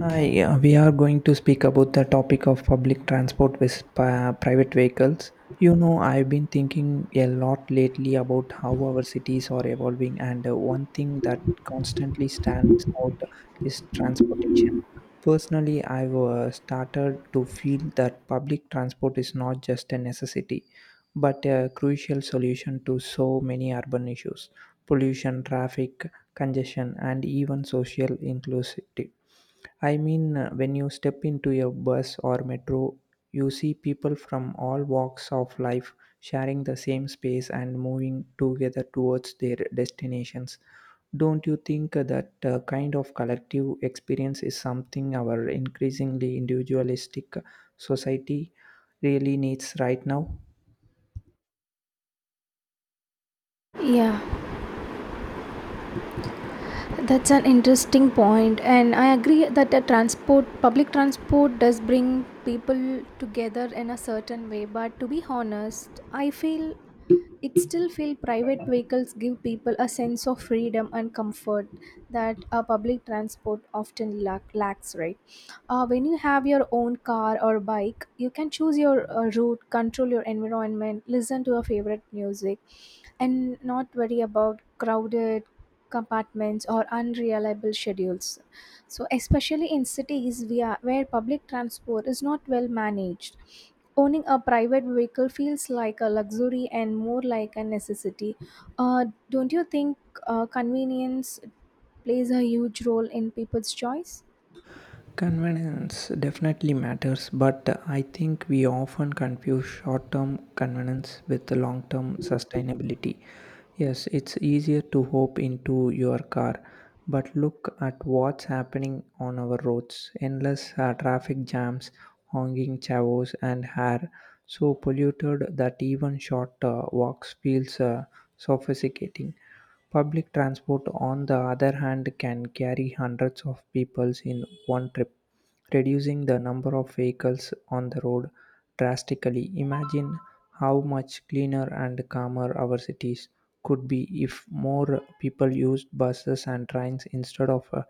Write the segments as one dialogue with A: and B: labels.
A: Hi, we are going to speak about the topic of public transport with private vehicles. You know, I've been thinking a lot lately about how our cities are evolving, and one thing that constantly stands out is transportation. Personally, I've started to feel that public transport is not just a necessity, but a crucial solution to so many urban issues pollution, traffic, congestion, and even social inclusivity. I mean, when you step into a bus or metro, you see people from all walks of life sharing the same space and moving together towards their destinations. Don't you think that kind of collective experience is something our increasingly individualistic society really needs right now?
B: Yeah, that's an interesting point, and I agree that the transport, public transport, does bring people together in a certain way. But to be honest, I feel it still feel private vehicles give people a sense of freedom and comfort that a public transport often lacks. Right? When you have your own car or bike, you can choose your route, control your environment, listen to your favorite music and not worry about crowded compartments or unreliable schedules. So especially in cities where public transport is not well managed, owning a private vehicle feels like a luxury and more like a necessity. Don't you think convenience plays a huge role in people's choice?
A: Convenience definitely matters, but I think we often confuse short term convenience with long term sustainability. Yes, it's easier to hop into your car, but look at what's happening on our roads endless traffic jams, honking chavos, and hair so polluted that even short walks feels sophisticating. Public transport, on the other hand, can carry hundreds of people in one trip, reducing the number of vehicles on the road drastically. Imagine how much cleaner and calmer our cities could be if more people used buses and trains instead of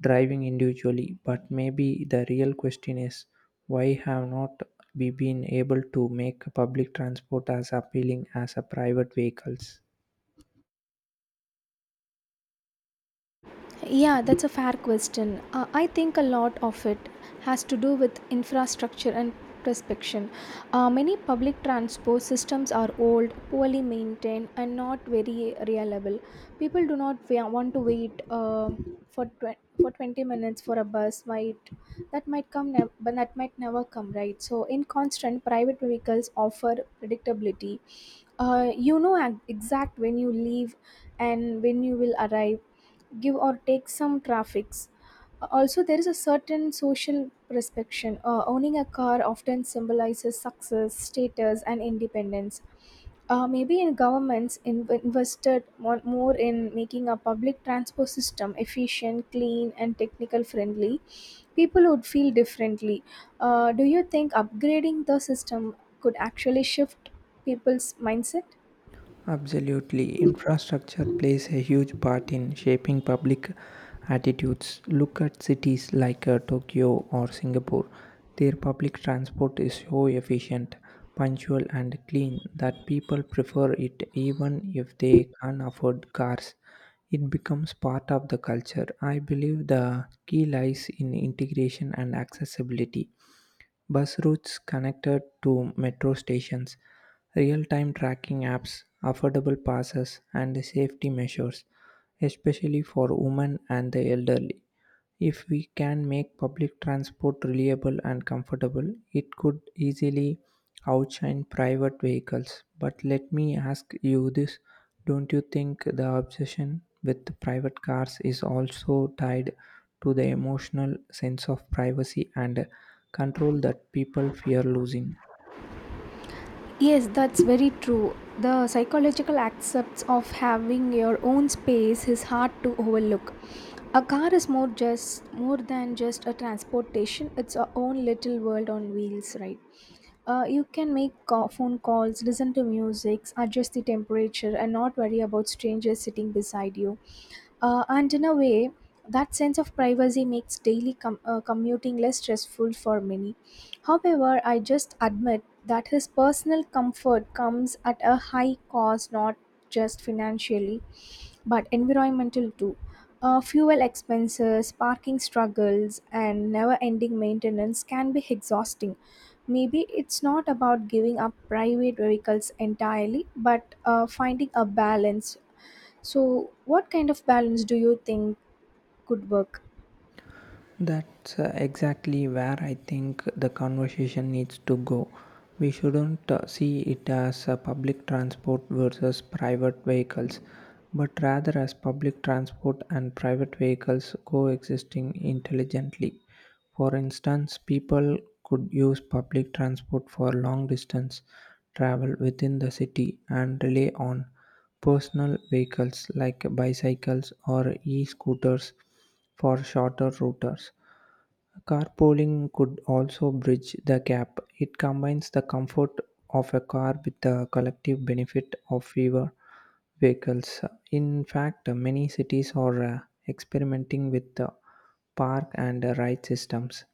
A: driving individually. But maybe the real question is why have not we been able to make public transport as appealing as a private vehicles?
B: Yeah, that's a fair question. I think a lot of it has to do with infrastructure and prospection. Many public transport systems are old, poorly maintained, and not very reliable. People do not want to wait for for 20 minutes for a bus. Might that might come, nev- but that might never come, right? So, in constant, private vehicles offer predictability. You know exact when you leave and when you will arrive, give or take some traffics. Also there is a certain social prescription. Owning a car often symbolizes success, status and independence. Maybe in governments invested more in making a public transport system efficient, clean and technical friendly, people would feel differently. Do you think upgrading the system could actually shift people's mindset?
A: Absolutely. Infrastructure plays a huge part in shaping public attitudes. Look at cities like Tokyo or Singapore. Their public transport is so efficient, punctual, and clean that people prefer it even if they can't afford cars. It becomes part of the culture. I believe the key lies in integration and accessibility. Bus routes connected to metro stations, real time tracking apps, affordable passes, and safety measures, especially for women and the elderly. If we can make public transport reliable and comfortable, it could easily outshine private vehicles. But let me ask you this, don't you think the obsession with private cars is also tied to the emotional sense of privacy and control that people fear losing?
B: Yes, that's very true. The psychological aspects of having your own space is hard to overlook. A car is more than just a transportation. It's our own little world on wheels, right? You can make phone calls, listen to music, adjust the temperature, and not worry about strangers sitting beside you. And in a way, that sense of privacy makes daily commuting less stressful for many. However, I just admit that his personal comfort comes at a high cost, not just financially, but environmental too. Fuel expenses, parking struggles, and never ending maintenance can be exhausting. Maybe it's not about giving up private vehicles entirely, but finding a balance. So, what kind of balance do you think could work?
A: That's exactly where I think the conversation needs to go. We shouldn't see it as public transport versus private vehicles, but rather as public transport and private vehicles coexisting intelligently. For instance, people could use public transport for long distance travel within the city and rely on personal vehicles like bicycles or e scooters for shorter routes. Carpooling could also bridge the gap. It combines the comfort of a car with the collective benefit of fewer vehicles. In fact, many cities are experimenting with the park and ride systems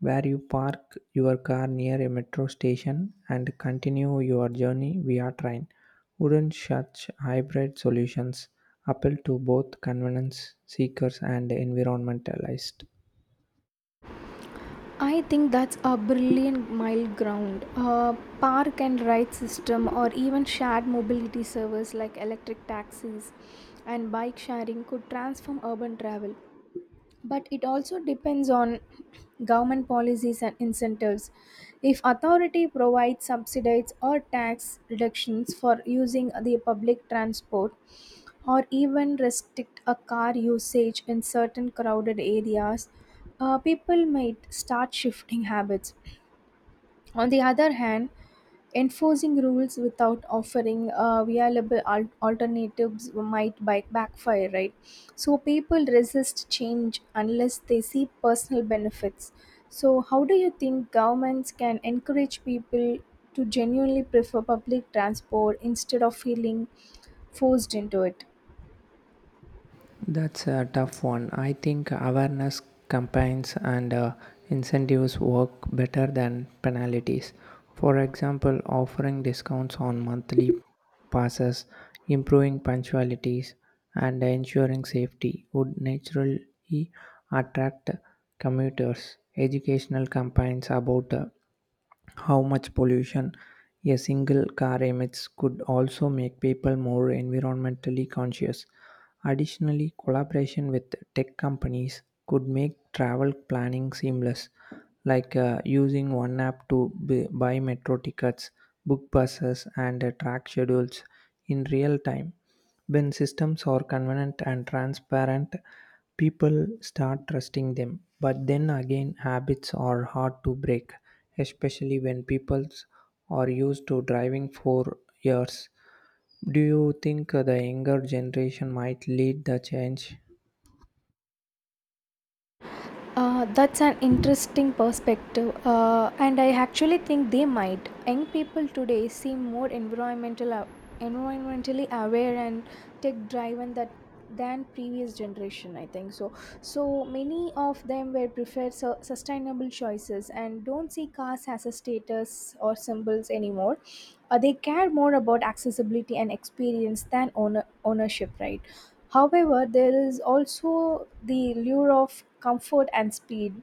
A: where you park your car near a metro station and continue your journey via train. Wouldn't such hybrid solutions appeal to both convenience seekers and environmentalists?
B: I think that's a brilliant mile ground. A park and ride system, or even shared mobility service like electric taxis and bike sharing, could transform urban travel. But it also depends on government policies and incentives. If authority provides subsidies or tax reductions for using the public transport, or even restrict a car usage in certain crowded areas, people might start shifting habits. On the other hand, enforcing rules without offering viable alternatives might backfire, right? So people resist change unless they see personal benefits. So, how do you think governments can encourage people to genuinely prefer public transport instead of feeling forced into it?
A: That's a tough one. I think awareness campaigns and incentives work better than penalties. For example, offering discounts on monthly passes, improving punctualities, and ensuring safety would naturally attract commuters. Educational campaigns about how much pollution a single car emits could also make people more environmentally conscious. Additionally, collaboration with tech companies could make travel planning seamless, like using one app to buy metro tickets, book buses, and track schedules in real time. When systems are convenient and transparent, people start trusting them. But then again, habits are hard to break, especially when people are used to driving for years. Do you think the younger generation might lead the change?
B: That's an interesting perspective, and I actually think they might. Young people today seem more environmentally aware and tech driven that than previous generation. I think so. So many of them were preferred sustainable choices and don't see cars as a status or symbols anymore. They care more about accessibility and experience than ownership, right? However, there is also the lure of comfort and speed,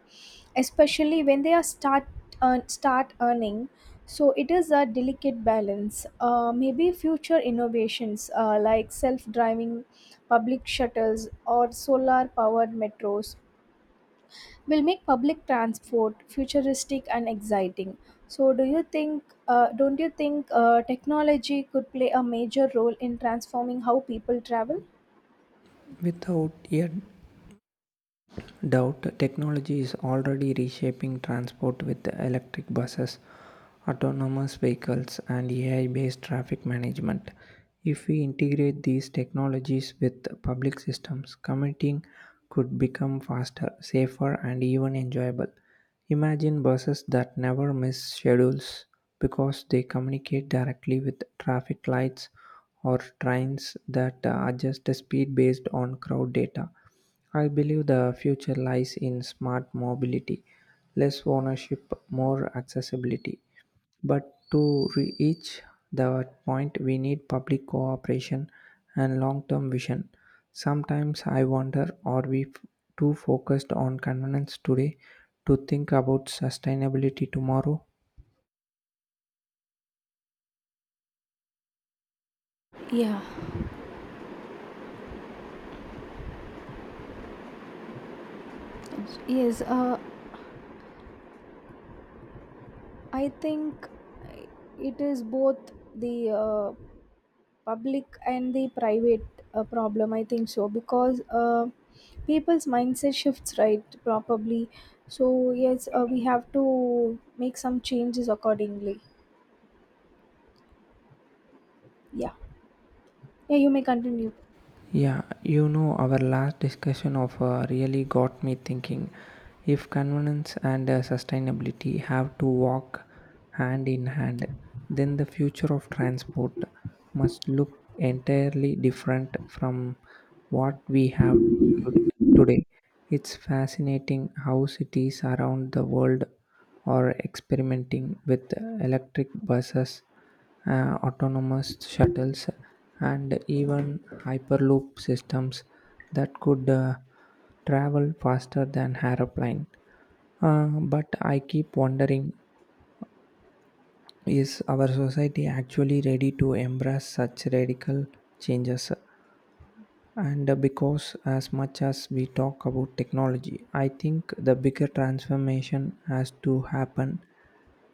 B: especially when they are start earning. So it is a delicate balance. Maybe future innovations like self-driving public shuttles or solar-powered metros will make public transport futuristic and exciting. So, do you think? Don't you think technology could play a major role in transforming how people travel?
A: Without yet doubt, technology is already reshaping transport with electric buses, autonomous vehicles, and AI based traffic management. If we integrate these technologies with public systems, commuting could become faster, safer, and even enjoyable. Imagine buses that never miss schedules because they communicate directly with traffic lights or trains that adjust the speed based on crowd data. I believe the future lies in smart mobility, less ownership, more accessibility. But to reach that point, we need public cooperation and long term vision. Sometimes I wonder, are we too focused on convenience today to think about sustainability tomorrow?
B: Yeah, Yes, I think it is both the public and the private problem. I think so because people's mindset shifts right probably. So yes, we have to make some changes accordingly. Yeah, yeah, you may continue.
A: Yeah, you know, our last discussion of really got me thinking if convenience and sustainability have to walk hand in hand, then the future of transport must look entirely different from what we have to- today. It's fascinating how cities around the world are experimenting with electric buses, autonomous shuttles, and even hyperloop systems that could travel faster than aeroplane. But I keep wondering, is our society actually ready to embrace such radical changes? And because as much as we talk about technology, I think the bigger transformation has to happen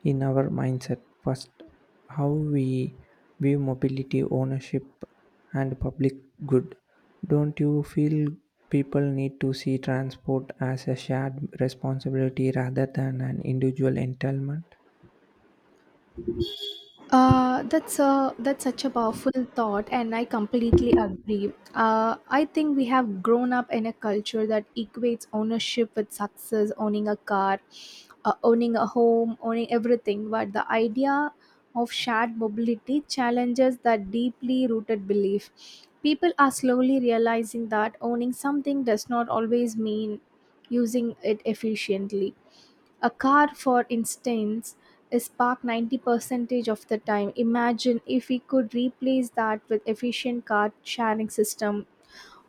A: in our mindset first. How we view mobility, ownership, and public good. Don't you feel people need to see transport as a shared responsibility rather than an individual entitlement?
B: That's such a powerful thought, and I completely agree. I think we have grown up in a culture that equates ownership with success, owning a car, owning a home, owning everything. But the idea of shared mobility challenges that deeply rooted belief. People are slowly realizing that owning something does not always mean using it efficiently. A car, for instance, is parked 90% of the time. Imagine if we could replace that with efficient car sharing system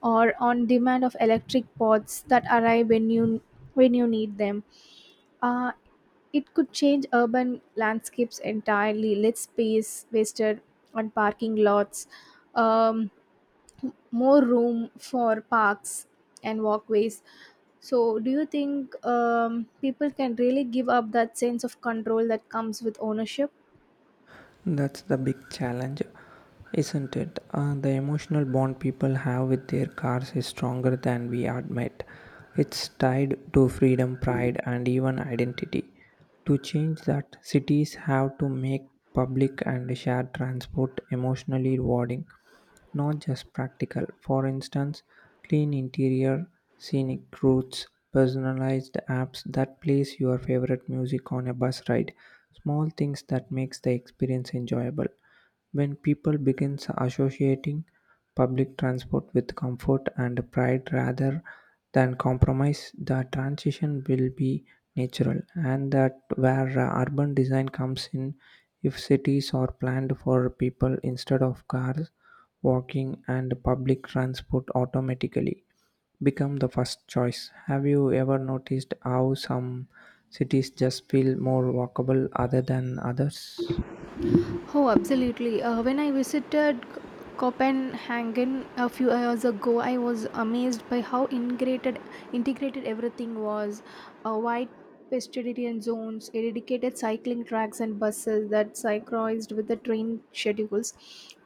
B: or on demand of electric pods that arrive when you need them. Uh, it could change urban landscapes entirely, less space wasted on parking lots, um, more room for parks and walkways. So, do you think people can really give up that sense of control that comes with ownership?
A: That's the big challenge, isn't it? The emotional bond people have with their cars is stronger than we admit. It's tied to freedom, pride, and even identity. To change that, cities have to make public and shared transport emotionally rewarding, not just practical. For instance, clean interior, scenic routes, personalized apps that plays your favorite music on a bus ride, small things that makes the experience enjoyable. When people begin associating public transport with comfort and pride rather than compromise, the transition will be natural, and that where urban design comes in. If cities are planned for people instead of cars, walking and public transport automatically become the first choice. Have you ever noticed how some cities just feel more walkable other than others?
B: Oh, absolutely. When I visited Copenhagen a few years ago, I was amazed by how integrated everything was. Wide pedestrian zones, dedicated cycling tracks, and buses that synchronized with the train schedules.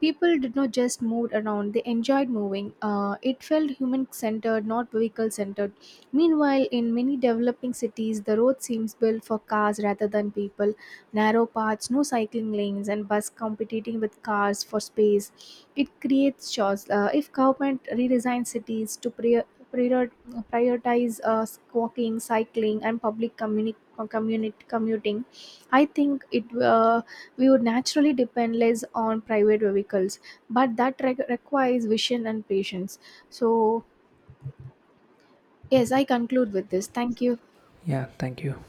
B: People did not just move around, they enjoyed moving. It felt human centered, not vehicle centered. Meanwhile, in many developing cities, the road seems built for cars rather than people, narrow paths, no cycling lanes, and bus competing with cars for space. It creates chores. If government redesigns cities to prior- prioritize walking, cycling, and public commuting, I think it we would naturally depend less on private vehicles. But that requires vision and patience. So yes, I conclude with this. Thank you.
A: Yeah, thank you.